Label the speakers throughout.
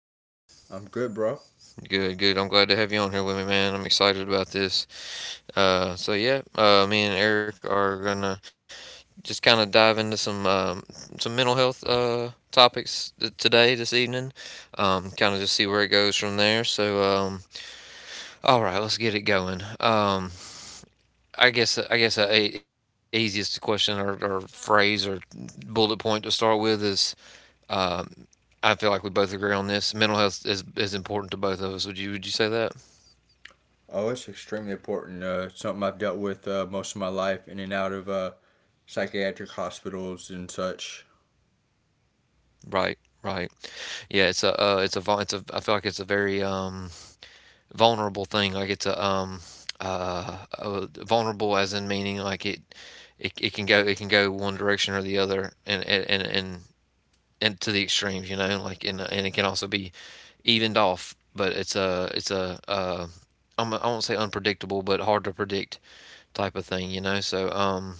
Speaker 1: man?
Speaker 2: I'm good, bro.
Speaker 1: Good, good. I'm glad to have you on here with me, man. I'm excited about this. So yeah, me and Eric are gonna just kind of dive into some mental health today, this evening. Kind of just see where it goes from there. So all right, let's get it going. I guess a easiest question or phrase or bullet point to start with is. Um, I feel like we both agree on this. Mental health is important to both of us. Would you say that?
Speaker 2: Oh, it's extremely important. It's something I've dealt with most of my life in and out of psychiatric hospitals and such.
Speaker 1: Right, right. Yeah, it's a, I feel like it's a very vulnerable thing. Like it's a Vulnerable as in meaning like it can go one direction or the other, and to the extremes, you know, like and it can also be evened off, but it's a I won't say unpredictable, but hard to predict type of thing, you know. So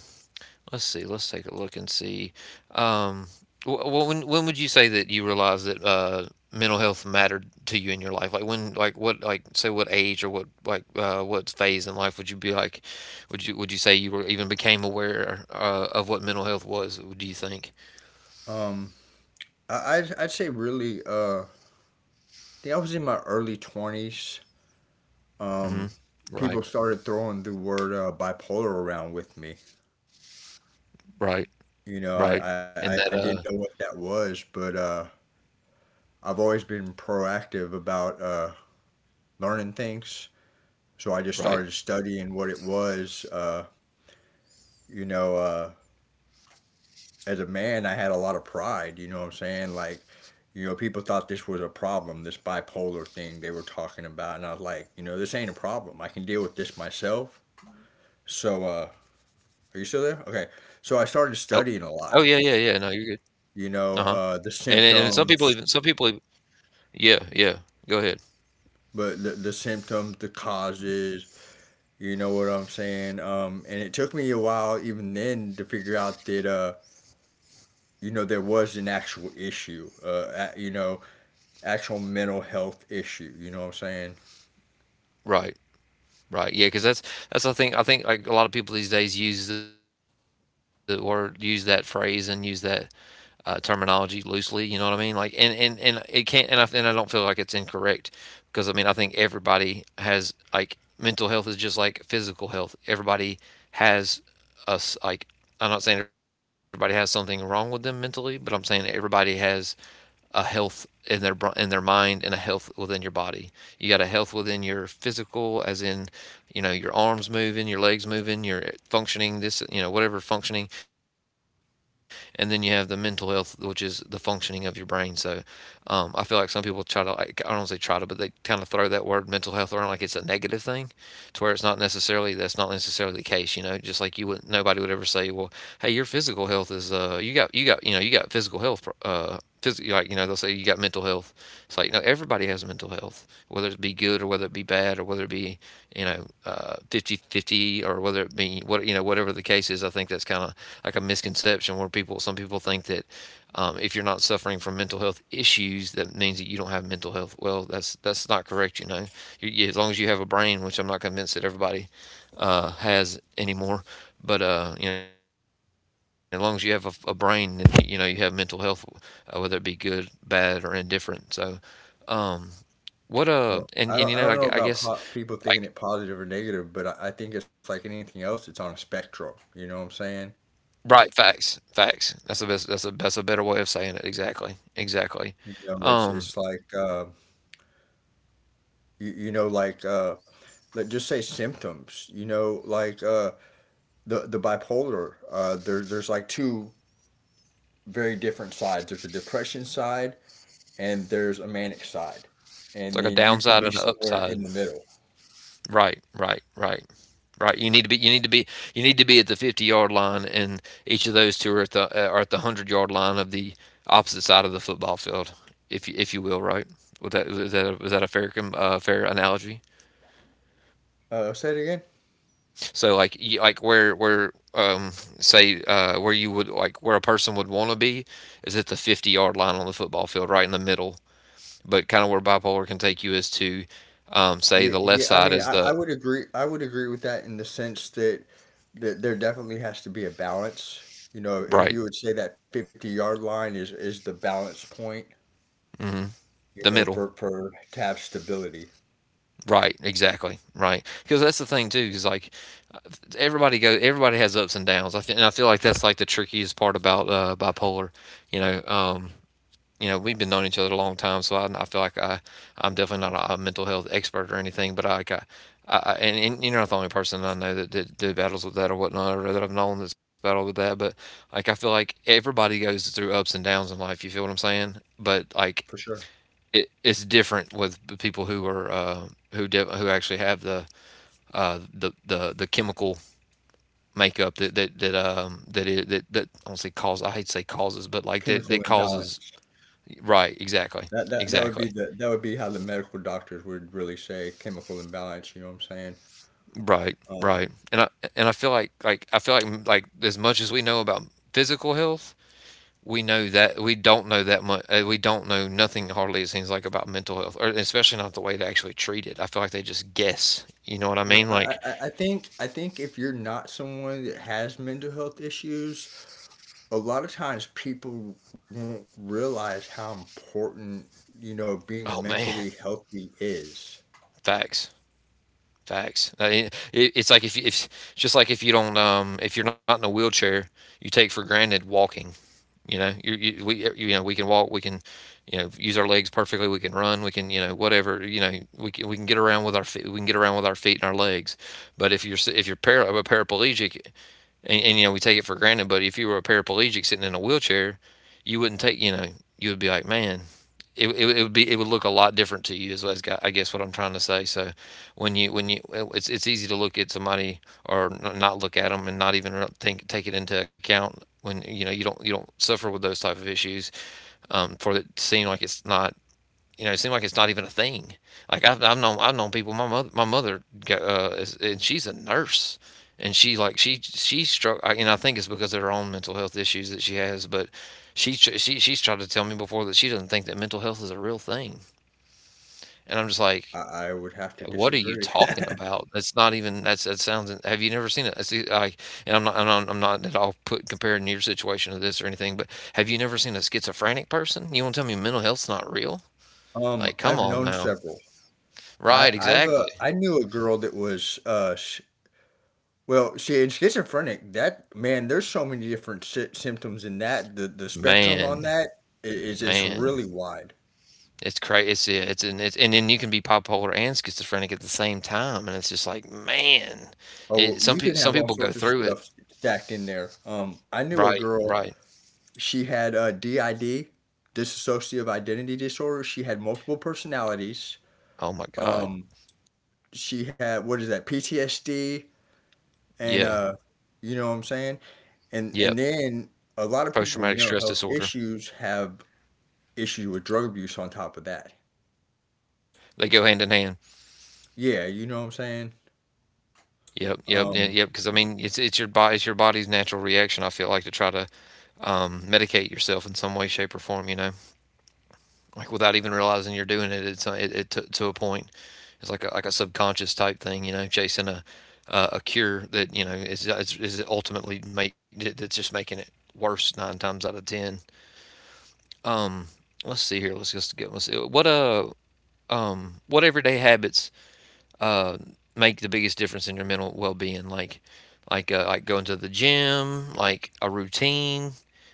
Speaker 1: let's see. Let's take a look and see. Um, when would you say that you realized that mental health mattered to you in your life? Like when, like what, like say what age or what like what phase in life would you be like? Would you say you were, even became aware of what mental health was? Do you think?
Speaker 2: Um, I'd say really, I think I was in my early 20s. Um,
Speaker 1: Hmm.
Speaker 2: People
Speaker 1: Right.
Speaker 2: started throwing the word bipolar around with me.
Speaker 1: Right.
Speaker 2: You know, I,
Speaker 1: Right.
Speaker 2: I, I I
Speaker 1: And
Speaker 2: didn't
Speaker 1: that.
Speaker 2: know what that was, but I've always been proactive about learning things. So I just started
Speaker 1: Right.
Speaker 2: studying what it was. You know, uh, as a man, I had a lot of pride. You know what I'm saying? Like, you know, people thought this was a problem, this bipolar thing they were talking about, and I was like, you know, this ain't a problem. I can deal with this myself. So, uh, are you still there? Okay. So I started
Speaker 1: Oh.
Speaker 2: studying a
Speaker 1: Oh
Speaker 2: lot.
Speaker 1: yeah. Yeah. Yeah. No, you're good. Uh huh.
Speaker 2: The
Speaker 1: And some
Speaker 2: symptoms,
Speaker 1: people even, yeah, yeah, go ahead.
Speaker 2: but the symptoms, the causes. You know what I'm saying? And it took me a while even then to figure out that you know, there was an actual issue. You know, actual mental health issue. You know what I'm saying?
Speaker 1: Right. Right. Yeah, because that's I think like a lot of people these days use the word, use that phrase, and use that terminology loosely. You know what I mean? Like and it can't and I don't feel like it's incorrect, because I mean I think everybody has, like, mental health is just like physical health. Everybody has, us like I'm not saying everybody has something wrong with them mentally, but I'm saying everybody has a health in their mind and a health within your body. You got a health within your physical, as in, you know, your arms moving, your legs moving, your functioning, this, you know, whatever, functioning, and then you have the mental health, which is the functioning of your brain. So, I feel like some people try to, like, I don't say try to, but they kind of throw that word mental health around like it's a negative thing, to where it's not necessarily, that's not necessarily the case. You know, just like you would, not nobody would ever say, well, hey, your physical health is you got you know, you got physical health, physically. Like, you know, they'll say you got mental health. It's like, no, everybody has mental health, whether it be good or whether it be bad or whether it be, you know, 50 fifty, or whether it be what, you know, whatever the case is. I think that's kind of like a misconception, where people, some people think that if you're not suffering from mental health issues, that means that you don't have mental health. Well, that's not correct. You know, as long as you have a brain, which I'm not convinced that everybody has anymore, but you know, as long as you have a brain, then, you know, you have mental health, whether it be good, bad, or indifferent. So, um, what and you know,
Speaker 2: Well,
Speaker 1: I
Speaker 2: I don't I
Speaker 1: guess,
Speaker 2: don't know about po
Speaker 1: like,
Speaker 2: people thinking it positive or negative, but I think it's like anything else. It's on a spectrum. You know what I'm saying?
Speaker 1: right, facts, facts. That's the best. That's a better way of saying it. Exactly, exactly.
Speaker 2: You know, it's
Speaker 1: Um,
Speaker 2: it's like you you know like let just say symptoms. You know, like the bipolar. There's like two very different sides. There's a depression side and there's a manic side,
Speaker 1: it's
Speaker 2: and
Speaker 1: like a
Speaker 2: then you can
Speaker 1: downside
Speaker 2: be
Speaker 1: and an
Speaker 2: somewhere
Speaker 1: upside.
Speaker 2: in the middle.
Speaker 1: Right, right, right. Right? You need to be at the 50-yard line, and each of those two are at the 100-yard line of the opposite side of the football field, if you will, right? Would that, is that a fair fair analogy?
Speaker 2: Say it again.
Speaker 1: So, like where say, where you would, like, where a person would want to be is at the 50-yard line on the football field, right in the middle. But kind of where bipolar can take you is to, say,
Speaker 2: Yeah,
Speaker 1: the left
Speaker 2: yeah. I
Speaker 1: side
Speaker 2: mean,
Speaker 1: is
Speaker 2: I
Speaker 1: the,
Speaker 2: would agree. I would agree with that in the sense that there definitely has to be a balance. You know, if
Speaker 1: right,
Speaker 2: you would say that 50-yard line is the balance point,
Speaker 1: mhm,
Speaker 2: you know,
Speaker 1: the
Speaker 2: for
Speaker 1: middle,
Speaker 2: for to have stability
Speaker 1: right, exactly, right. Because that's the thing too, because like everybody has ups and downs. I think, and I feel like that's like the trickiest part about bipolar. You know, um, you know, we've been knowing each other a long time, so I feel like I'm definitely not a mental health expert or anything, but I, like, I and you're not the only person I know that did battles with that or whatnot, or that I've known that's battled with that. But like I feel like everybody goes through ups and downs in life. You feel what I'm saying? But like
Speaker 2: for sure.
Speaker 1: it's different with people who are who actually have the the chemical makeup that that that that it that that, I don't say cause, I hate to say causes, but like that
Speaker 2: Chemical
Speaker 1: that causes,
Speaker 2: imbalance.
Speaker 1: right, exactly,
Speaker 2: That would be
Speaker 1: exactly,
Speaker 2: the that would be how the medical doctors would really say chemical imbalance. You know what I'm saying?
Speaker 1: right,
Speaker 2: Um,
Speaker 1: right, and I, and I feel like, like, as much as we know about physical health, we know that we don't know that much. We don't know nothing hardly, it seems like, about mental health, or especially not the way they actually treat it. I feel like they just guess. You know what I
Speaker 2: well,
Speaker 1: mean? Like,
Speaker 2: I think if you're not someone that has mental health issues, a lot of times people won't realize how important, you know, being
Speaker 1: oh
Speaker 2: mentally
Speaker 1: man,
Speaker 2: healthy is.
Speaker 1: facts. Facts. I mean, it's like if you, if, just like, if you don't, if you're not in a wheelchair, you take for granted walking. You know, you know we can walk, we can, you know, use our legs perfectly, we can run, we can, you know, whatever, you know, we can get around with our feet, we can get around with our feet and our legs. But if you're if you're a paraplegic, and, you know, we take it for granted. But if you were a paraplegic sitting in a wheelchair, you wouldn't take, you know, you would be like, man, it would be, it would look a lot different to you, is what I guess what I'm trying to say. So when you, when you, it's easy to look at somebody, or not look at them and not even think, take it into account when, you know, you don't suffer with those type of issues, for it to seem like it's not, you know, it seems like it's not even a thing. Like I've known people. My mother, is, and she's a nurse, and she, like, she struck. And I think it's because of her own mental health issues that she has. But she's tried to tell me before that she doesn't think that mental health is a real thing. And I'm just like,
Speaker 2: I would have to
Speaker 1: what are you
Speaker 2: disagree.
Speaker 1: talking about? That's not even, that's, that sounds. Have you never seen it? It's the- I And I'm, not I'm not, I'm not at all put comparing your situation to this or anything. But have you never seen a schizophrenic person? You want to tell me mental health's not real? Like,
Speaker 2: I've
Speaker 1: come
Speaker 2: known
Speaker 1: on now.
Speaker 2: several.
Speaker 1: Right, exactly.
Speaker 2: I knew a girl that was well, see, in schizophrenic, that man, there's so many different symptoms in that. The spectrum on
Speaker 1: Man,
Speaker 2: that is
Speaker 1: man,
Speaker 2: really wide.
Speaker 1: it's crazy. It's, yeah, it's, and it's, and then you can be bipolar and schizophrenic at the same time, and it's just like, man,
Speaker 2: Oh,
Speaker 1: it
Speaker 2: you
Speaker 1: some
Speaker 2: can
Speaker 1: people,
Speaker 2: have
Speaker 1: some
Speaker 2: all
Speaker 1: people
Speaker 2: sorts
Speaker 1: go
Speaker 2: of
Speaker 1: through it.
Speaker 2: stuff stacked in there. I knew a
Speaker 1: Right, right.
Speaker 2: girl she had DID, dissociative identity disorder. She had multiple personalities.
Speaker 1: Oh my God.
Speaker 2: Um, she had what is that PTSD, and
Speaker 1: Yeah,
Speaker 2: you know what I'm saying. And
Speaker 1: yep.
Speaker 2: then a lot of
Speaker 1: Post
Speaker 2: people with
Speaker 1: traumatic
Speaker 2: mental
Speaker 1: stress
Speaker 2: health
Speaker 1: disorder.
Speaker 2: issues have issues with drug abuse on top of that.
Speaker 1: They go hand in hand.
Speaker 2: Yeah, you know what I'm saying.
Speaker 1: Yep, yep, yeah,
Speaker 2: Um,
Speaker 1: yep. Because I mean, it's your body, it's your body's natural reaction, I feel like, to try to medicate yourself in some way, shape, or form. You know. Like, without even realizing you're doing it. It's it, to a point. It's like a subconscious type thing, you know, chasing a cure that, you know, is ultimately make, that's just making it worse nine times out of ten. Um, let's see here. Let's just get, let's see, what everyday habits uh make the biggest difference in your mental well being? Like, like going to the gym, like a routine.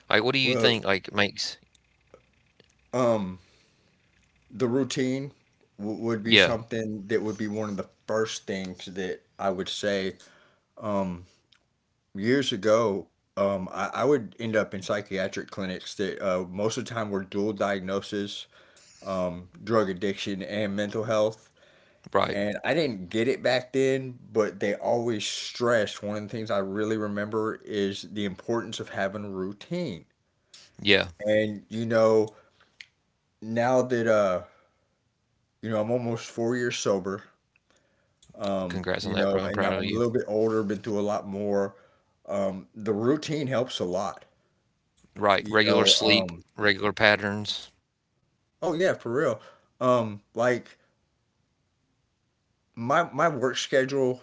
Speaker 1: Like what do you
Speaker 2: well,
Speaker 1: think like makes?
Speaker 2: um, the routine would be
Speaker 1: Yeah,
Speaker 2: something that would be one of the first things that I would say. Um, Years ago, I would end up in psychiatric clinics that most of the time were dual diagnosis, drug addiction and mental health.
Speaker 1: right.
Speaker 2: And I didn't get it back then, but they always stressed one of the things I really remember is the importance of having a routine.
Speaker 1: Yeah.
Speaker 2: And you know, now that you know, I'm almost 4 years sober,
Speaker 1: Congrats on
Speaker 2: you
Speaker 1: that,
Speaker 2: know,
Speaker 1: bro. I'm
Speaker 2: and
Speaker 1: proud
Speaker 2: now
Speaker 1: of
Speaker 2: I'm a
Speaker 1: you.
Speaker 2: little bit older, been through a lot more. The routine helps a lot,
Speaker 1: Right.
Speaker 2: you
Speaker 1: Regular
Speaker 2: know.
Speaker 1: sleep, regular patterns.
Speaker 2: Oh yeah, for real. Like my work schedule,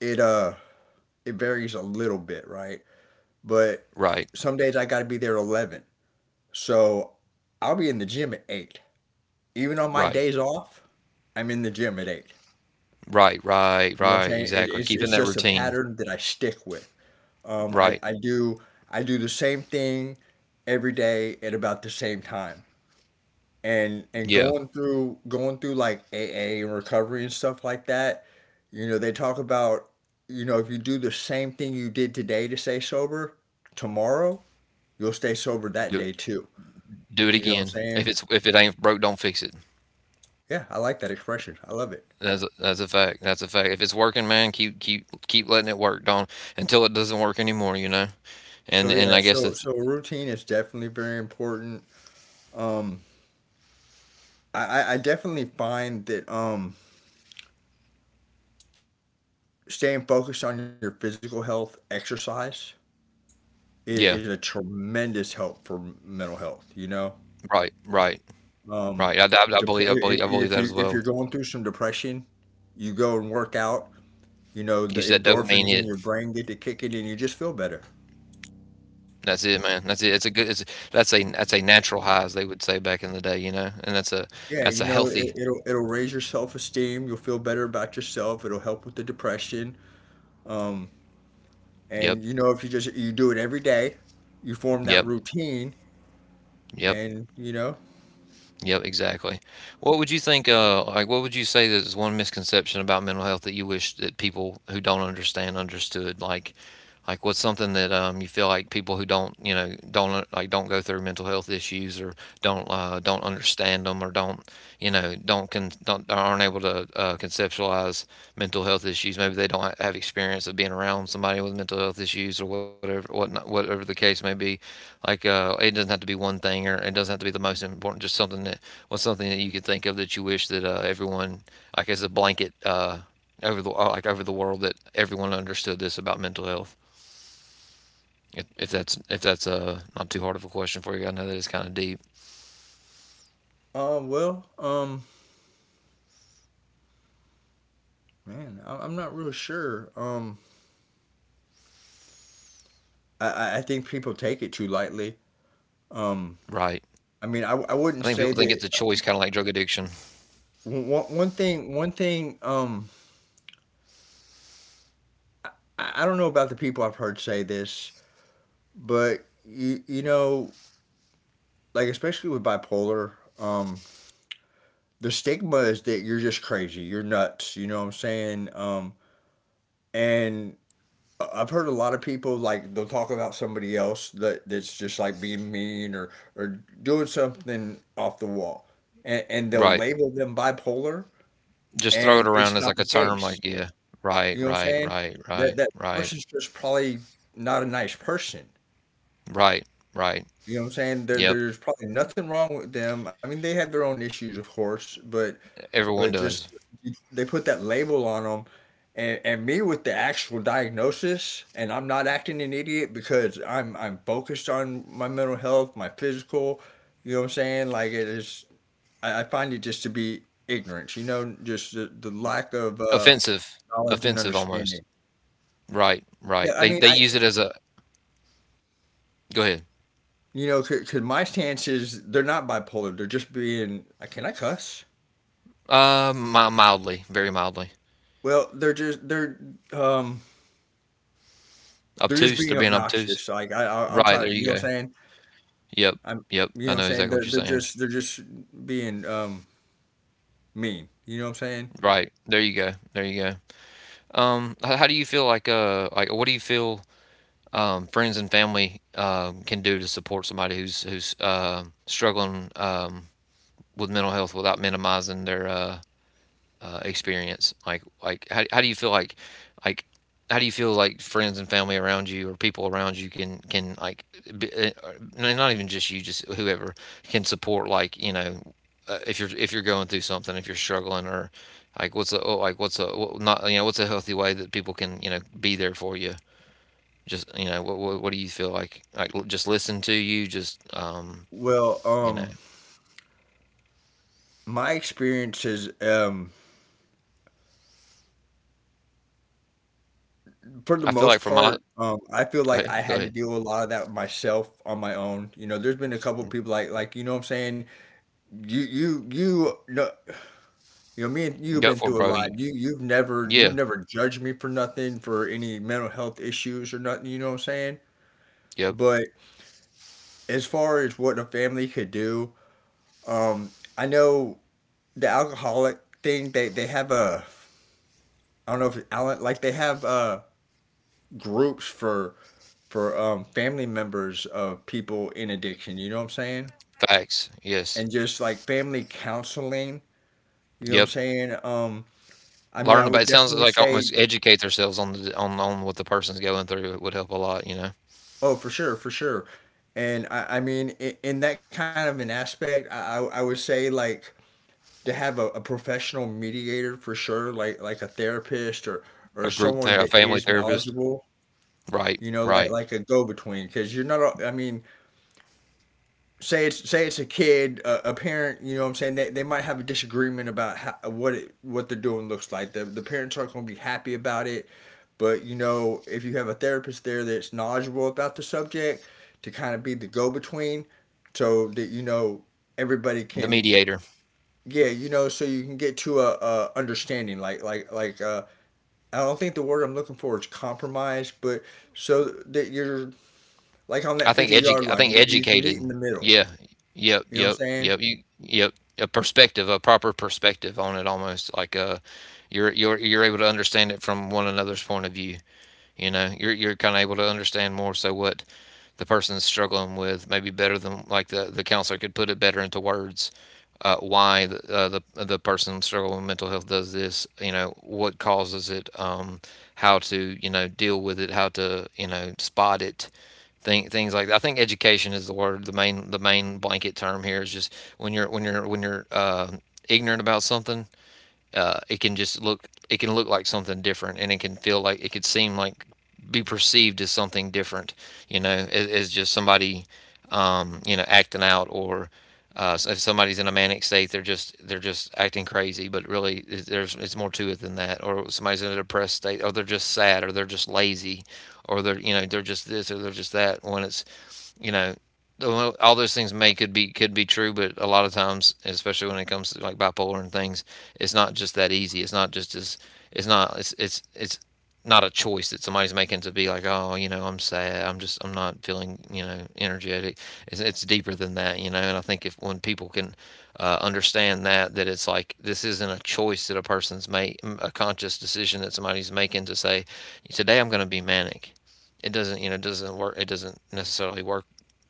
Speaker 2: it it varies a little bit, right? But
Speaker 1: Right,
Speaker 2: some days I gotta be there at 11. So I'll be in the gym at 8. Even on my
Speaker 1: right,
Speaker 2: days off, I'm in the gym at 8.
Speaker 1: right, right,
Speaker 2: You know what I'm
Speaker 1: right,
Speaker 2: saying? It,
Speaker 1: exactly.
Speaker 2: it's it's
Speaker 1: Keeping that
Speaker 2: just a
Speaker 1: routine.
Speaker 2: pattern that I stick with. Um, I,
Speaker 1: Right.
Speaker 2: I do I do the same thing every day at about the same time. And
Speaker 1: Yeah.
Speaker 2: going through like AA and recovery and stuff like that, you know, they talk about, you know, if you do the same thing you did today to stay sober, tomorrow you'll stay sober
Speaker 1: Do
Speaker 2: that day too.
Speaker 1: do it
Speaker 2: You know what I'm
Speaker 1: again. If
Speaker 2: saying?
Speaker 1: it ain't broke, don't fix it.
Speaker 2: Yeah, I like that expression. I love it.
Speaker 1: That's a fact. That's a fact. If it's working, man, keep letting it work. Don't until it doesn't work anymore. You know.
Speaker 2: So
Speaker 1: And
Speaker 2: yeah,
Speaker 1: I guess
Speaker 2: so so routine is definitely very important. Um, I definitely find that staying focused on your physical health, exercise
Speaker 1: yeah.
Speaker 2: is a tremendous help for mental health. You know,
Speaker 1: Right, right,
Speaker 2: Um,
Speaker 1: right. I believe I believe I believe
Speaker 2: if
Speaker 1: that
Speaker 2: you
Speaker 1: as
Speaker 2: if
Speaker 1: well.
Speaker 2: you're going through some depression, you go and work out. You know, the
Speaker 1: Use that dopamine
Speaker 2: endorphins in
Speaker 1: hit.
Speaker 2: your brain get to kicking, and you just feel better.
Speaker 1: That's it, man. That's it. It's a good. It's that's a natural high, as they would say back in the day, you know. And
Speaker 2: Yeah,
Speaker 1: that's
Speaker 2: you
Speaker 1: a
Speaker 2: know, it,
Speaker 1: healthy.
Speaker 2: it'll it'll raise your self esteem. You'll feel better about yourself. It'll help with the depression. Um,
Speaker 1: Yep.
Speaker 2: and you know, if you do it every day, you form that
Speaker 1: Yep.
Speaker 2: routine,
Speaker 1: Yep.
Speaker 2: and you know,
Speaker 1: Yep, exactly. What would you think, like, what would you say that is one misconception about mental health that you wish that people who don't understand understood? Like what's something that you feel like people who don't, you know, don't like don't go through mental health issues or don't understand them or don't, you know, don't aren't able to conceptualize mental health issues. Maybe they don't have experience of being around somebody with mental health issues or whatever, whatnot, whatever the case may be. Like, it doesn't have to be one thing or it doesn't have to be the most important. Just something that. What's something that you could think of that you wish that everyone, like as a blanket, over the like over the world, that everyone understood this about mental health? If that's if that's not too hard of a question for you, I know that it's kind of deep,
Speaker 2: um, well, um, man, I'm not real sure. I think people take it too lightly. Um,
Speaker 1: right?
Speaker 2: I mean, I
Speaker 1: I think
Speaker 2: wouldn't
Speaker 1: people think
Speaker 2: say
Speaker 1: it's a
Speaker 2: that
Speaker 1: choice, kind of like drug addiction,
Speaker 2: one thing, one thing. I don't know about the people I've heard say this, but you know, like especially with bipolar, um, the stigma is that you're just crazy, you're nuts. You know what I'm saying? And I've heard a lot of people like they'll talk about somebody else that that's just like being mean or doing something off the wall, and they'll
Speaker 1: right?
Speaker 2: label them bipolar,
Speaker 1: Just throw
Speaker 2: and
Speaker 1: it around
Speaker 2: it's
Speaker 1: as
Speaker 2: not
Speaker 1: like a
Speaker 2: the
Speaker 1: term,
Speaker 2: case.
Speaker 1: like yeah,
Speaker 2: You
Speaker 1: right,
Speaker 2: know what I'm
Speaker 1: right,
Speaker 2: saying?
Speaker 1: right,
Speaker 2: That
Speaker 1: right,
Speaker 2: that
Speaker 1: right,
Speaker 2: person's just probably not a nice person.
Speaker 1: right, right.
Speaker 2: You know what I'm saying?
Speaker 1: Yep,
Speaker 2: There's probably nothing wrong with them. I mean, they have their own issues, of course, but
Speaker 1: everyone
Speaker 2: but just
Speaker 1: does.
Speaker 2: they put that label on them, and me with the actual diagnosis, and I'm not acting an idiot because I'm focused on my mental health, my physical. You know what I'm saying? Like it is, I find it just to be ignorance. You know, just the lack of
Speaker 1: Offensive,
Speaker 2: knowledge and
Speaker 1: offensive almost.
Speaker 2: understanding.
Speaker 1: Right, right.
Speaker 2: Yeah, I mean,
Speaker 1: They use it as a. Go ahead.
Speaker 2: you know, because my stance is they're not bipolar. They're just being. I can I cuss?
Speaker 1: Mi mildly, very mildly.
Speaker 2: Well, they're just um they're just
Speaker 1: Obtuse,
Speaker 2: being
Speaker 1: they're being obtuse.
Speaker 2: obnoxious. Like I
Speaker 1: Right,
Speaker 2: try to
Speaker 1: there
Speaker 2: you know
Speaker 1: you go.
Speaker 2: what I'm saying?
Speaker 1: Yep,
Speaker 2: I'm.
Speaker 1: yep,
Speaker 2: You
Speaker 1: I
Speaker 2: know what I'm
Speaker 1: know
Speaker 2: saying?
Speaker 1: exactly what
Speaker 2: They're
Speaker 1: you're
Speaker 2: they're
Speaker 1: saying.
Speaker 2: just they're just being mean. You know what I'm saying?
Speaker 1: Right, there you go, there you go. H how do you feel like, what do you feel, friends and family, can do to support somebody who's struggling, with mental health without minimizing their, experience? Like how do you feel like how do you feel like friends and family around you or people around you can like be, not even just you just whoever can support like you know if you're going through something if you're struggling or like what's a oh, like what's a what, not you know what's a healthy way that people can you know be there for you just you know what do you feel like just listen to you just
Speaker 2: Well,
Speaker 1: you know.
Speaker 2: um, my experience is, for the
Speaker 1: I feel like
Speaker 2: most
Speaker 1: from my.
Speaker 2: part, I feel
Speaker 1: Go
Speaker 2: like
Speaker 1: ahead,
Speaker 2: I
Speaker 1: go
Speaker 2: had to
Speaker 1: ahead.
Speaker 2: deal with a lot of that myself on my own. You know, there's been a couple people like you know, what I'm saying, no, you know, me and you've
Speaker 1: Go
Speaker 2: been
Speaker 1: for it,
Speaker 2: through a
Speaker 1: bro. You-
Speaker 2: lot. You've never
Speaker 1: yeah,
Speaker 2: judged me for nothing for any mental health issues or nothing, you know what I'm saying?
Speaker 1: yep,
Speaker 2: But as far as what a family could do, um, I know the alcoholic thing, they have a I don't know if it's Alan, like they have groups for family members of people in addiction, you know what I'm saying?
Speaker 1: facts, yes.
Speaker 2: And just like family counseling, you know what I'm
Speaker 1: Yep.
Speaker 2: saying? I mean, I
Speaker 1: Learn about
Speaker 2: would
Speaker 1: it, sounds
Speaker 2: definitely
Speaker 1: like,
Speaker 2: say
Speaker 1: almost educate ourselves on the on what the person's going through. It would help a lot, you know.
Speaker 2: oh, for sure, for sure. And I mean, in that kind of an aspect, I would say like to have a professional mediator for sure, like a therapist or
Speaker 1: A group
Speaker 2: someone
Speaker 1: ther a
Speaker 2: that
Speaker 1: family
Speaker 2: is
Speaker 1: therapist.
Speaker 2: knowledgeable.
Speaker 1: Right,
Speaker 2: You know,
Speaker 1: right.
Speaker 2: like a go between, because you're not. I mean, say it's a kid, a parent. You know, what I'm saying they might have a disagreement about how, what they're doing looks like. The parents aren't going to be happy about it. But you know, if you have a therapist there that's knowledgeable about the subject to kind of be the go between so that you know everybody
Speaker 1: The
Speaker 2: can
Speaker 1: mediator.
Speaker 2: yeah, you know, so you can get to a understanding like I don't think the word I'm looking for is compromise, but so that you're like on that 50 yard
Speaker 1: I
Speaker 2: line,
Speaker 1: think
Speaker 2: you can
Speaker 1: educated.
Speaker 2: meet in the middle.
Speaker 1: Yeah. Yep,
Speaker 2: You know what I'm
Speaker 1: yep,
Speaker 2: saying?
Speaker 1: yep. You yep. A perspective, a proper perspective on it almost like you're able to understand it from one another's point of view, you know. You're kind of able to understand more so what the person's struggling with, maybe better than like the counselor could put it better into words. Uh, why the person struggling with mental health does this, you know, what causes it, how to you know deal with it, how to you know spot it, thing, things like that. I think education is the word, the main blanket term here is just when you're when you're when you're ignorant about something, it can just look, it can look like something different, and it can feel like it could seem like be perceived as something different, you know, as just somebody, you know, acting out or if somebody's in a manic state, they're just acting crazy, but really there's it's more to it than that. Or somebody's in a depressed state, or they're just sad, or they're just lazy, or they're you know they're just this or they're just that. When it's you know, all those things may could be true, but a lot of times, especially when it comes to like bipolar and things, it's not just that easy. It's not just as it's not a choice that somebody's making to be like, oh, you know, I'm sad. I'm just I'm not feeling you know energetic. It's deeper than that, you know. And I think if when people can understand that that it's like this isn't a choice that a person's make a conscious decision that somebody's making to say, today I'm going to be manic. It doesn't, you know, it doesn't work. It doesn't necessarily work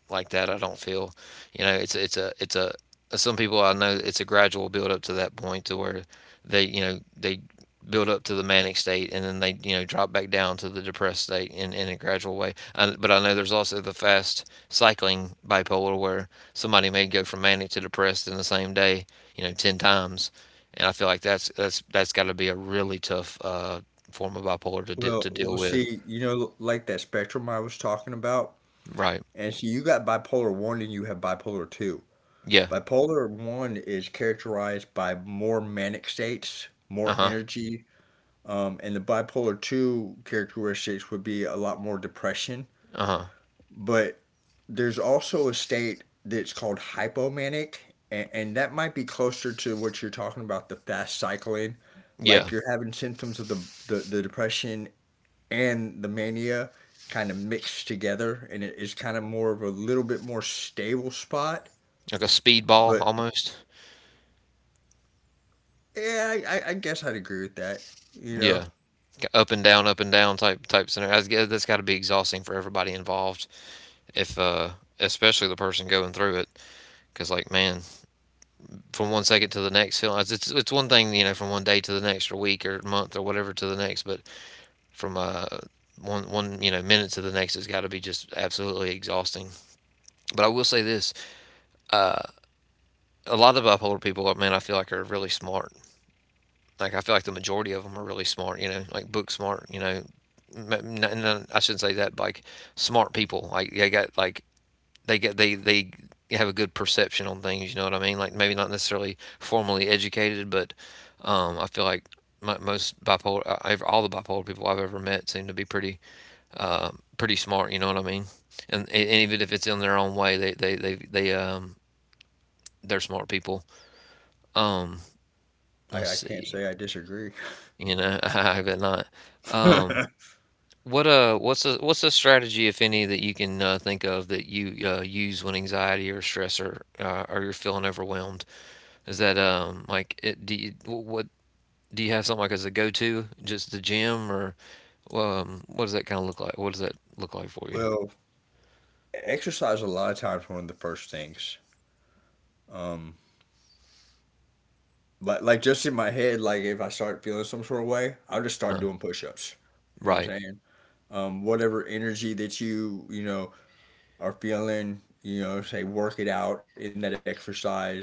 Speaker 1: like that. I don't feel, you know, it's a some people I know it's a gradual build up to that point to where they you know they build up to the manic state and then they you know drop back down to the depressed state in a gradual way I, but I know there's also the fast cycling bipolar where somebody may go from manic to depressed in the same day you know 10 times and I feel like that's that's got to be a really tough form of bipolar to
Speaker 2: Well,
Speaker 1: to
Speaker 2: we'll
Speaker 1: deal with.
Speaker 2: see, you know, like that spectrum I was talking about.
Speaker 1: Right.
Speaker 2: And see, you got bipolar one and you have bipolar two.
Speaker 1: Yeah.
Speaker 2: Bipolar one is characterized by more manic states, more
Speaker 1: Uh-huh.
Speaker 2: energy, and the bipolar two characteristics would be a lot more depression.
Speaker 1: Uh-huh.
Speaker 2: But there's also a state that's called hypomanic, and that might be closer to what you're talking about, the fast cycling. Like
Speaker 1: Yeah.
Speaker 2: you're having symptoms of the depression and the mania kind of mixed together, and it is kind of more of a little bit more stable spot.
Speaker 1: Like a speedball
Speaker 2: But
Speaker 1: almost.
Speaker 2: Yeah, I guess I'd agree with that. You know,
Speaker 1: Yeah, up and down type scenario. That's, yeah, that's got to be exhausting for everybody involved. If especially the person going through it, because like man, from 1 second to the next, it's one thing you know from 1 day to the next, or week, or month, or whatever to the next, but from one you know minute to the next has got to be just absolutely exhausting. But I will say this: a lot of bipolar people, man, I feel like are really smart. Like I feel like the majority of them are really smart, you know, like book smart, you know. I shouldn't say that, but like smart people, like they got like they get they have a good perception on things. You know what I mean? Like maybe not necessarily formally educated, but I feel like most bipolar, all the bipolar people I've ever met seem to be pretty uh, pretty smart. You know what I mean? And even if it's in their own way, they they're smart people. Um, let's
Speaker 2: I can't
Speaker 1: see.
Speaker 2: say I disagree.
Speaker 1: You know, I bet not. Um. What what's a strategy, if any, that you can think of that you use when anxiety or stress or you're feeling overwhelmed? Is that like it, do you, what do you have something like as a go-to, just the gym or what does that kind of look like? What does that look like for you?
Speaker 2: well, Exercise a lot of times one of the first things. Um, like just in my head, like if I start feeling some sort of way, I'll just start
Speaker 1: No.
Speaker 2: doing push-ups. You know what
Speaker 1: Right,
Speaker 2: I'm saying? Whatever energy that you know are feeling, you know, say work it out in that exercise,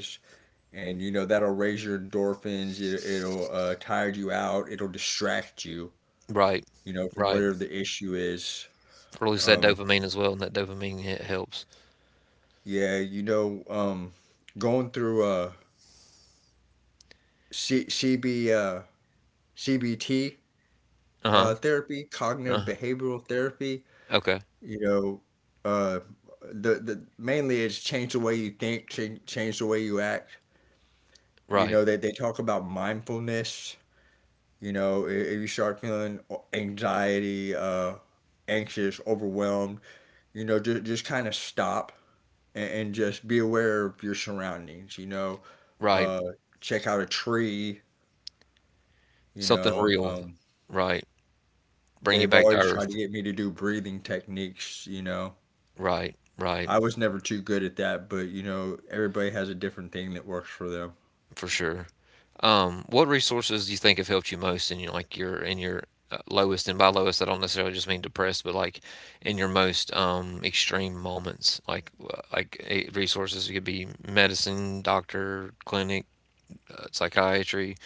Speaker 2: and you know that'll raise your endorphins. It'll tire you out. It'll distract you.
Speaker 1: right,
Speaker 2: You know, from
Speaker 1: right.
Speaker 2: whatever the issue is.
Speaker 1: Release that
Speaker 2: Um,
Speaker 1: dopamine as well, and that dopamine hit helps.
Speaker 2: Yeah, you know, going through C- CB, uh, CBT
Speaker 1: Uh-huh.
Speaker 2: therapy, cognitive
Speaker 1: Uh-huh.
Speaker 2: behavioral therapy,
Speaker 1: Okay.
Speaker 2: you know, uh, the mainly it's change the way you think, change the way you act. You know,
Speaker 1: Right,
Speaker 2: they talk about mindfulness. You know, if you start feeling anxiety, anxious, overwhelmed, you know, just kind of stop and just be aware of your surroundings, you know.
Speaker 1: right.
Speaker 2: Uh, Check out a tree. You
Speaker 1: Something
Speaker 2: know,
Speaker 1: real. Right. Bring you
Speaker 2: they've
Speaker 1: back to
Speaker 2: always tried
Speaker 1: earth.
Speaker 2: to get me to do breathing techniques, you know.
Speaker 1: Right, right.
Speaker 2: I was never too good at that, but you know, everybody has a different thing that works for them.
Speaker 1: For sure. What resources do you think have helped you most in your like your in your lowest, and by lowest I don't necessarily just mean depressed, but like in your most extreme moments, like resources, it could be medicine, doctor, clinic, psychiatry.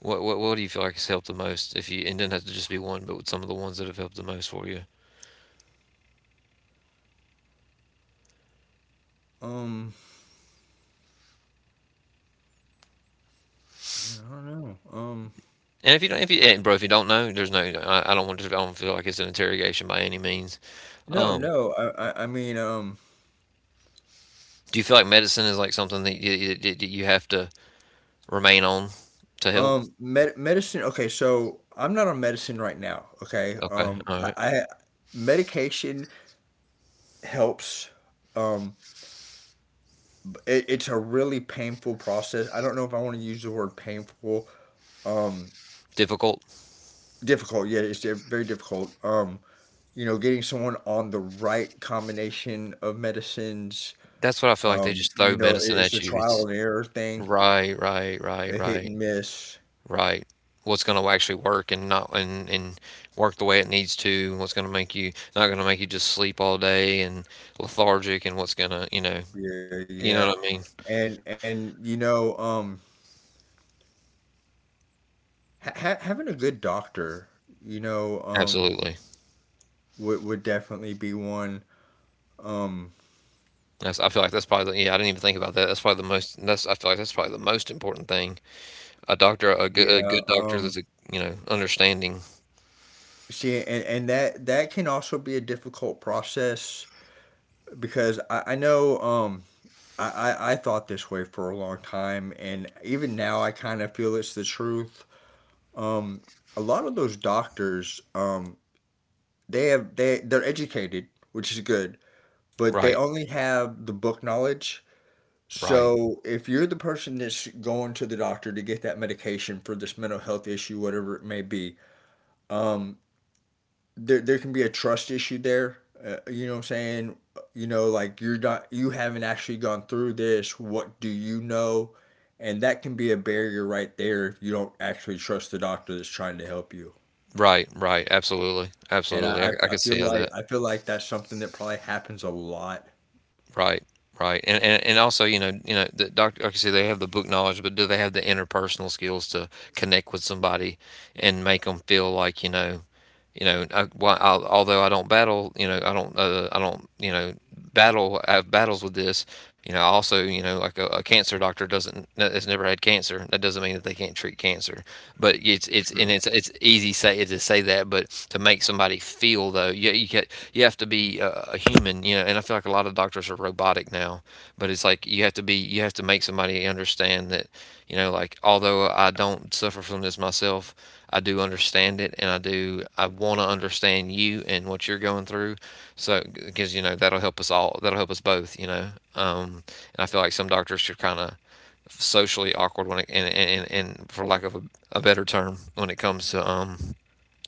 Speaker 1: What do you feel like has helped the most? If you, and doesn't have to just be one, but some of the ones that have helped the most for you.
Speaker 2: Um, I don't know.
Speaker 1: And if you don't, if you, and bro, if you don't know, there's no. I don't want to. I don't feel like it's an interrogation by any means.
Speaker 2: No,
Speaker 1: Um,
Speaker 2: no. I mean,
Speaker 1: do you feel like medicine is like something that you, that you that you have to remain on to help?
Speaker 2: medicine. Okay, so I'm not on medicine right now. Okay,
Speaker 1: Okay, alright.
Speaker 2: I medication helps. Um, it's a really painful process. I don't know if I want to use the word painful. Um,
Speaker 1: Difficult?
Speaker 2: difficult. Yeah, it's very difficult. You know, getting someone on the right combination of medicines.
Speaker 1: That's what I feel like they just
Speaker 2: You
Speaker 1: throw
Speaker 2: know, it,
Speaker 1: medicine
Speaker 2: it's a
Speaker 1: at you. It's
Speaker 2: trial and error thing,
Speaker 1: right, right, right,
Speaker 2: a hit
Speaker 1: right,
Speaker 2: and miss.
Speaker 1: right. What's gonna actually work and not and and work the way it needs to, and what's gonna make you, not gonna make you just sleep all day and lethargic, and what's gonna,
Speaker 2: Yeah, yeah.
Speaker 1: you know what I mean?
Speaker 2: And you know, ha ha having a good doctor, you know,
Speaker 1: Absolutely.
Speaker 2: would definitely be one. Um,
Speaker 1: That's I feel like that's probably the yeah, I didn't even think about that. That's probably the most that's I feel like that's probably the most important thing. A doctor a
Speaker 2: yeah.
Speaker 1: good doctor that's a you know, understanding.
Speaker 2: See, and that can also be a difficult process because I know. I, I thought this way for a long time, and even now I kind of feel it's the truth. Um, a lot of those doctors, they they're educated, which is good, but
Speaker 1: Right,
Speaker 2: they only have the book knowledge.
Speaker 1: right.
Speaker 2: So if you're the person that's going to the doctor to get that medication for this mental health issue, whatever it may be, um, there there can be a trust issue there. You know what I'm saying? You know, like you haven't actually gone through this. What do you know? And that can be a barrier right there if you don't actually trust the doctor that's trying to help you.
Speaker 1: Right, right, absolutely,
Speaker 2: And
Speaker 1: absolutely. I,
Speaker 2: I, I
Speaker 1: I
Speaker 2: I
Speaker 1: could see
Speaker 2: feel
Speaker 1: how
Speaker 2: like
Speaker 1: that.
Speaker 2: I feel like that's something that probably happens a lot.
Speaker 1: Right, right, and also, you know, the doctor, like you say, they have the book knowledge, but do they have the interpersonal skills to connect with somebody and make them feel like, you know, I, although I don't battle, I don't, you know, battle, I have battles with this. You know, also, you know, like a cancer doctor doesn't has never had cancer. That doesn't mean that they can't treat cancer. But it's
Speaker 2: True.
Speaker 1: and it's it's easy say to say that, but to make somebody feel though, you have to be a human. You know, and I feel like a lot of doctors are robotic now. But it's like you have to be, you have to make somebody understand that, you know, like although I don't suffer from this myself, I do understand it, and I do. I want to understand you and what you're going through, so because you know that'll help us all. That'll help us both. And I feel like some doctors are kind of socially awkward when it, and for lack of a better term, when it comes to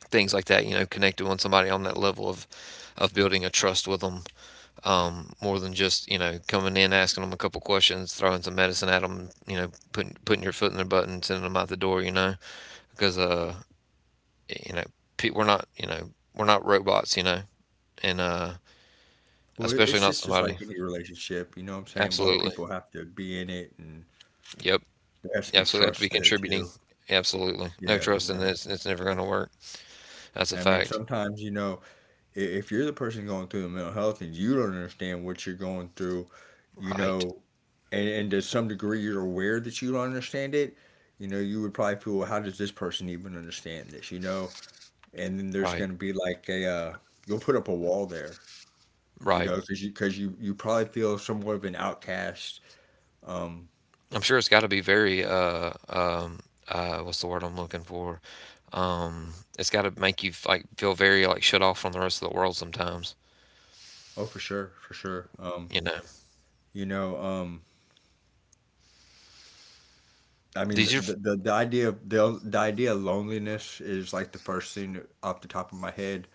Speaker 1: things like that. You know, connecting with somebody on that level of building a trust with them, more than just you know coming in, asking them a couple questions, throwing some medicine at them, you know, putting your foot in their butt and sending them out the door. Because uh, you know, we're not, you know, we're not robots, you know, and
Speaker 2: Well, it's
Speaker 1: especially not
Speaker 2: just like
Speaker 1: somebody.
Speaker 2: any relationship, you know what I'm saying? Both
Speaker 1: Absolutely.
Speaker 2: people have to be in it and
Speaker 1: Yep.
Speaker 2: there has to be
Speaker 1: Absolutely have to be
Speaker 2: trust there
Speaker 1: contributing.
Speaker 2: too.
Speaker 1: Absolutely. No
Speaker 2: Yeah, you
Speaker 1: trust in
Speaker 2: know.
Speaker 1: this. It's never going to work. That's a
Speaker 2: I mean,
Speaker 1: fact.
Speaker 2: sometimes, you know, if you're the person going through the mental health and you don't understand what you're going through, you
Speaker 1: Right.
Speaker 2: know, and to some degree you're aware that you don't understand it, you know, you would probably feel, well, how does this person even understand this, you know? And then there's
Speaker 1: Right.
Speaker 2: going to be like you'll put up a wall there, you
Speaker 1: Right.
Speaker 2: know, cause you probably feel somewhat of an outcast. Um,
Speaker 1: I'm sure it's got to be very, what's the word I'm looking for? Um, it's got to make you like feel very like shut off from the rest of the world sometimes,
Speaker 2: oh, for sure, for sure.
Speaker 1: you know.
Speaker 2: You know, I mean,
Speaker 1: These are f-
Speaker 2: the idea of the idea of loneliness is like the first thing off the top of my head.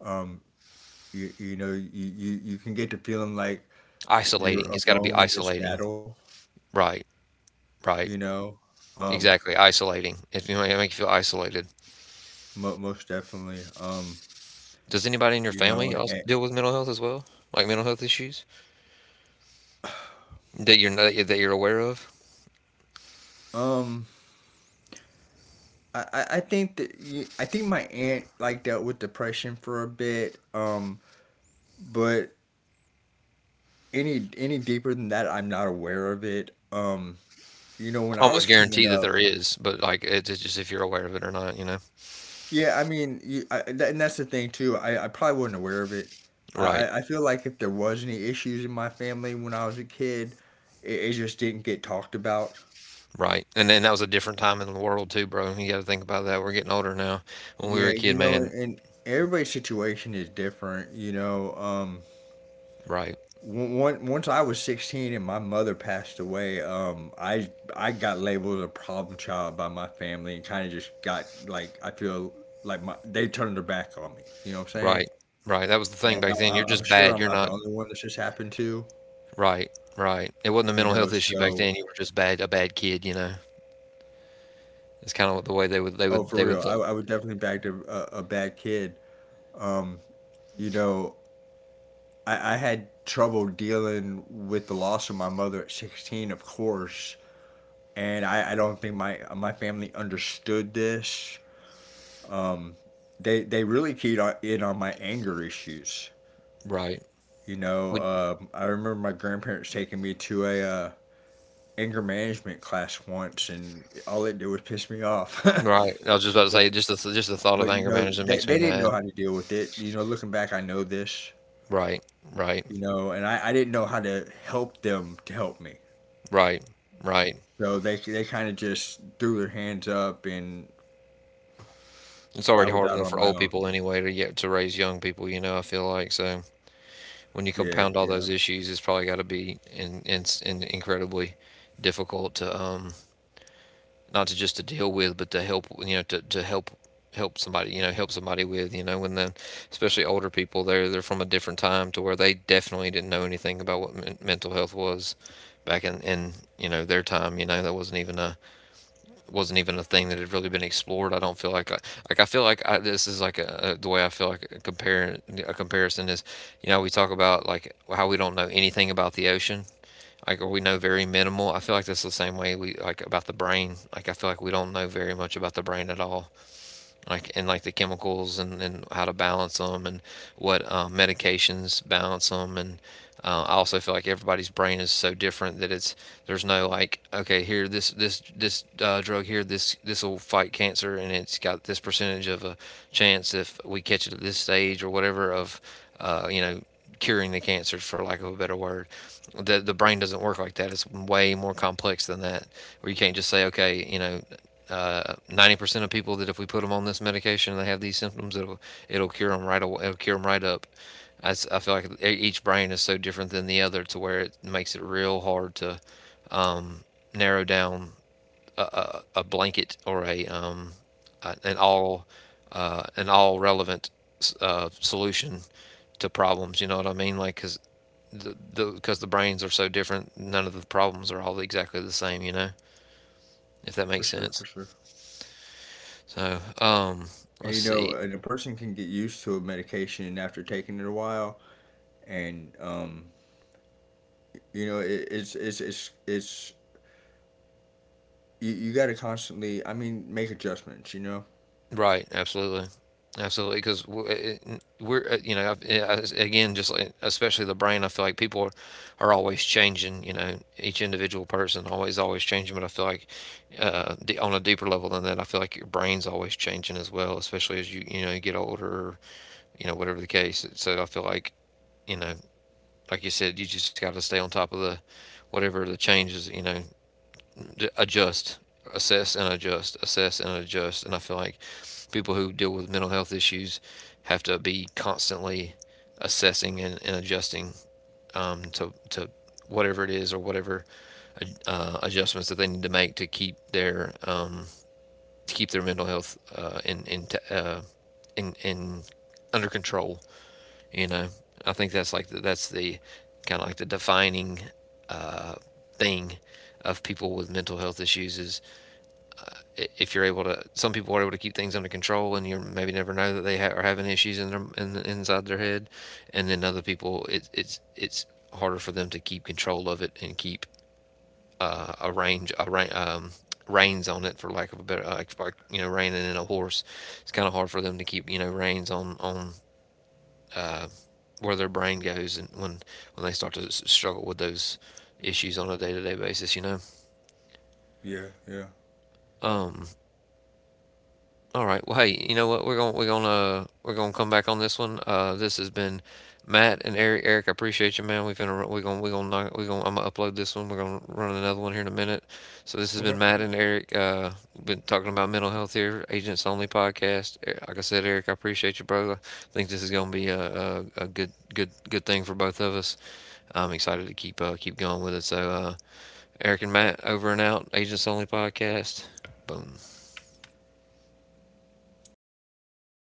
Speaker 2: Um, you know, you can get to feeling like you're
Speaker 1: Isolating. It's got to be
Speaker 2: alone in this
Speaker 1: isolating.
Speaker 2: battle,
Speaker 1: Right.
Speaker 2: you
Speaker 1: Right.
Speaker 2: know? Um,
Speaker 1: Exactly, isolating. If you know, it make you feel isolated.
Speaker 2: mo most definitely.
Speaker 1: Does anybody in your
Speaker 2: You
Speaker 1: family
Speaker 2: know,
Speaker 1: else
Speaker 2: and,
Speaker 1: deal with mental health as well? Like mental health issues that you're not, that you're aware of?
Speaker 2: um, I think that I think my aunt like dealt with depression for a bit. But any deeper than that, I'm not aware of it. You know, when I was
Speaker 1: Almost
Speaker 2: coming
Speaker 1: guarantee that
Speaker 2: up.
Speaker 1: there is, but like it's just if you're aware of it or not, you know?
Speaker 2: Yeah, I mean, and that's the thing too. I probably wasn't aware of it. I,
Speaker 1: Right,
Speaker 2: I I feel like if there was any issues in my family when I was a kid, it just didn't get talked about.
Speaker 1: right. And then that was a different time in the world too, bro. You got to think about that. We're getting older now. When we were
Speaker 2: Yeah,
Speaker 1: a kid,
Speaker 2: you know,
Speaker 1: man,
Speaker 2: and everybody's situation is different. You know,
Speaker 1: right,
Speaker 2: once I was 16 and my mother passed away, I got labeled a problem child by my family and kind of just got like I feel like my they turned their back on me. You know what I'm saying?
Speaker 1: right, right. That was the
Speaker 2: And
Speaker 1: thing back then.
Speaker 2: I'm
Speaker 1: You're
Speaker 2: sure
Speaker 1: just
Speaker 2: I'm not
Speaker 1: bad.
Speaker 2: the
Speaker 1: You're
Speaker 2: only
Speaker 1: not
Speaker 2: one this has happened to.
Speaker 1: right, right. It wasn't a
Speaker 2: You
Speaker 1: mental health
Speaker 2: know,
Speaker 1: issue back
Speaker 2: so
Speaker 1: then. You were just bad, a bad kid. You know, it's kind of the way
Speaker 2: oh for
Speaker 1: they
Speaker 2: real,
Speaker 1: would look.
Speaker 2: I would definitely back a bad kid. um you know, I had trouble dealing with the loss of my mother at 16, of course, and I don't think my family understood this. um they really keyed in on my anger issues.
Speaker 1: Right.
Speaker 2: You know,
Speaker 1: We
Speaker 2: I remember my grandparents taking me to a anger management class once, and all it did was piss me off.
Speaker 1: Right, I was just about to
Speaker 2: But
Speaker 1: say, just the th just the thought of
Speaker 2: But you
Speaker 1: anger
Speaker 2: know,
Speaker 1: management makes
Speaker 2: they
Speaker 1: me
Speaker 2: didn't know
Speaker 1: mad.
Speaker 2: how to deal with it. You know, looking back, I know this.
Speaker 1: Right, right,
Speaker 2: You know, and I didn't know how to help them to help me.
Speaker 1: right, right.
Speaker 2: So they kind of just threw their hands up, and
Speaker 1: It's
Speaker 2: I
Speaker 1: already
Speaker 2: was
Speaker 1: hard
Speaker 2: out
Speaker 1: enough
Speaker 2: on
Speaker 1: for
Speaker 2: my
Speaker 1: old
Speaker 2: own.
Speaker 1: people anyway to raise young people, you know, I feel like, so when you
Speaker 2: Yeah,
Speaker 1: compound all
Speaker 2: yeah,
Speaker 1: those issues, it's probably gotta be in ins in incredibly difficult to, not to just to deal with, but to help, you know, to help help somebody, you know, help somebody with, you know, when then especially older people, they're from a different time to where they definitely didn't know anything about what mental health was back in you know their time. You know, that wasn't even a thing that had really been explored. I don't feel like I feel like this is like the way I feel like a comparison is, you know, we talk about like how we don't know anything about the ocean, or we know very minimal. I feel like that's the same way we like about the brain. Like I feel like we don't know very much about the brain at all, like and like the chemicals, and how to balance them, and what medications balance them, and I also feel like everybody's brain is so different that it's there's no like, okay, here this this this drug here, this will fight cancer, and it's got this percentage of a chance if we catch it at this stage or whatever of, you know, curing the cancers, for lack of a better word. The brain doesn't work like that. It's way more complex than that, where you can't just say, okay, you know, 90% of people that if we put them on this medication and they have these symptoms, it'll it'll cure them right away. It'll cure them right up. I feel like each brain is so different than the other to where it makes it real hard to um, narrow down a blanket or a an all an all relevant, solution to problems. You know what I mean? Like the because the brains are so different, none of the problems are all exactly the same. You know, if that makes
Speaker 2: for
Speaker 1: sense.
Speaker 2: sure, for sure.
Speaker 1: So
Speaker 2: And
Speaker 1: let's
Speaker 2: you know,
Speaker 1: see.
Speaker 2: and a person can get used to a medication after taking it a while, and you know, it, it's you, you got to constantly. I mean, make adjustments. You know.
Speaker 1: Right, absolutely. Absolutely, because you know, yeah, again, just like, especially the brain, I feel like people are always changing, you know, each individual person always, always changing. But I feel like on a deeper level than that, I feel like your brain's always changing as well, especially as you, you know, you get older, or, you know, whatever the case. So I feel like, you know, like you said, you just got to stay on top of the, whatever the changes, you know, adjust, assess and adjust, assess and adjust. And I feel like people who deal with mental health issues have to be constantly assessing and adjusting, to whatever it is or whatever adjustments that they need to make to keep their mental health in under control. You know, I think that's like the, that's the kind of like the defining, uh, thing of people with mental health issues is, if you're able to, some people are able to keep things under control, and you maybe never know that are having issues in their inside their head, and then other people, it's harder for them to keep control of it and keep a range a ra- reins on it, for lack of a better, like you know, reining in a horse. It's kind of hard for them to keep you know reins on uh, where their brain goes, and when they start to struggle with those issues on a day to day basis, you know.
Speaker 2: Yeah, yeah.
Speaker 1: Um, All right. Well, hey, you know what? We're going to come back on this one. This has been Matt and Eric. Eric, I appreciate you, man. We're going to we're going to we're going to we're going I'm going to upload this one. We're going to run another one here in a minute. So this has been
Speaker 2: Okay.
Speaker 1: Matt and Eric. Been talking about mental health here, Agents Only podcast. Like I said, Eric, I appreciate you, brother. I think this is going to be a good thing for both of us. I'm excited to keep keep going with it. So Eric and Matt over and out. Agents Only podcast. Boom.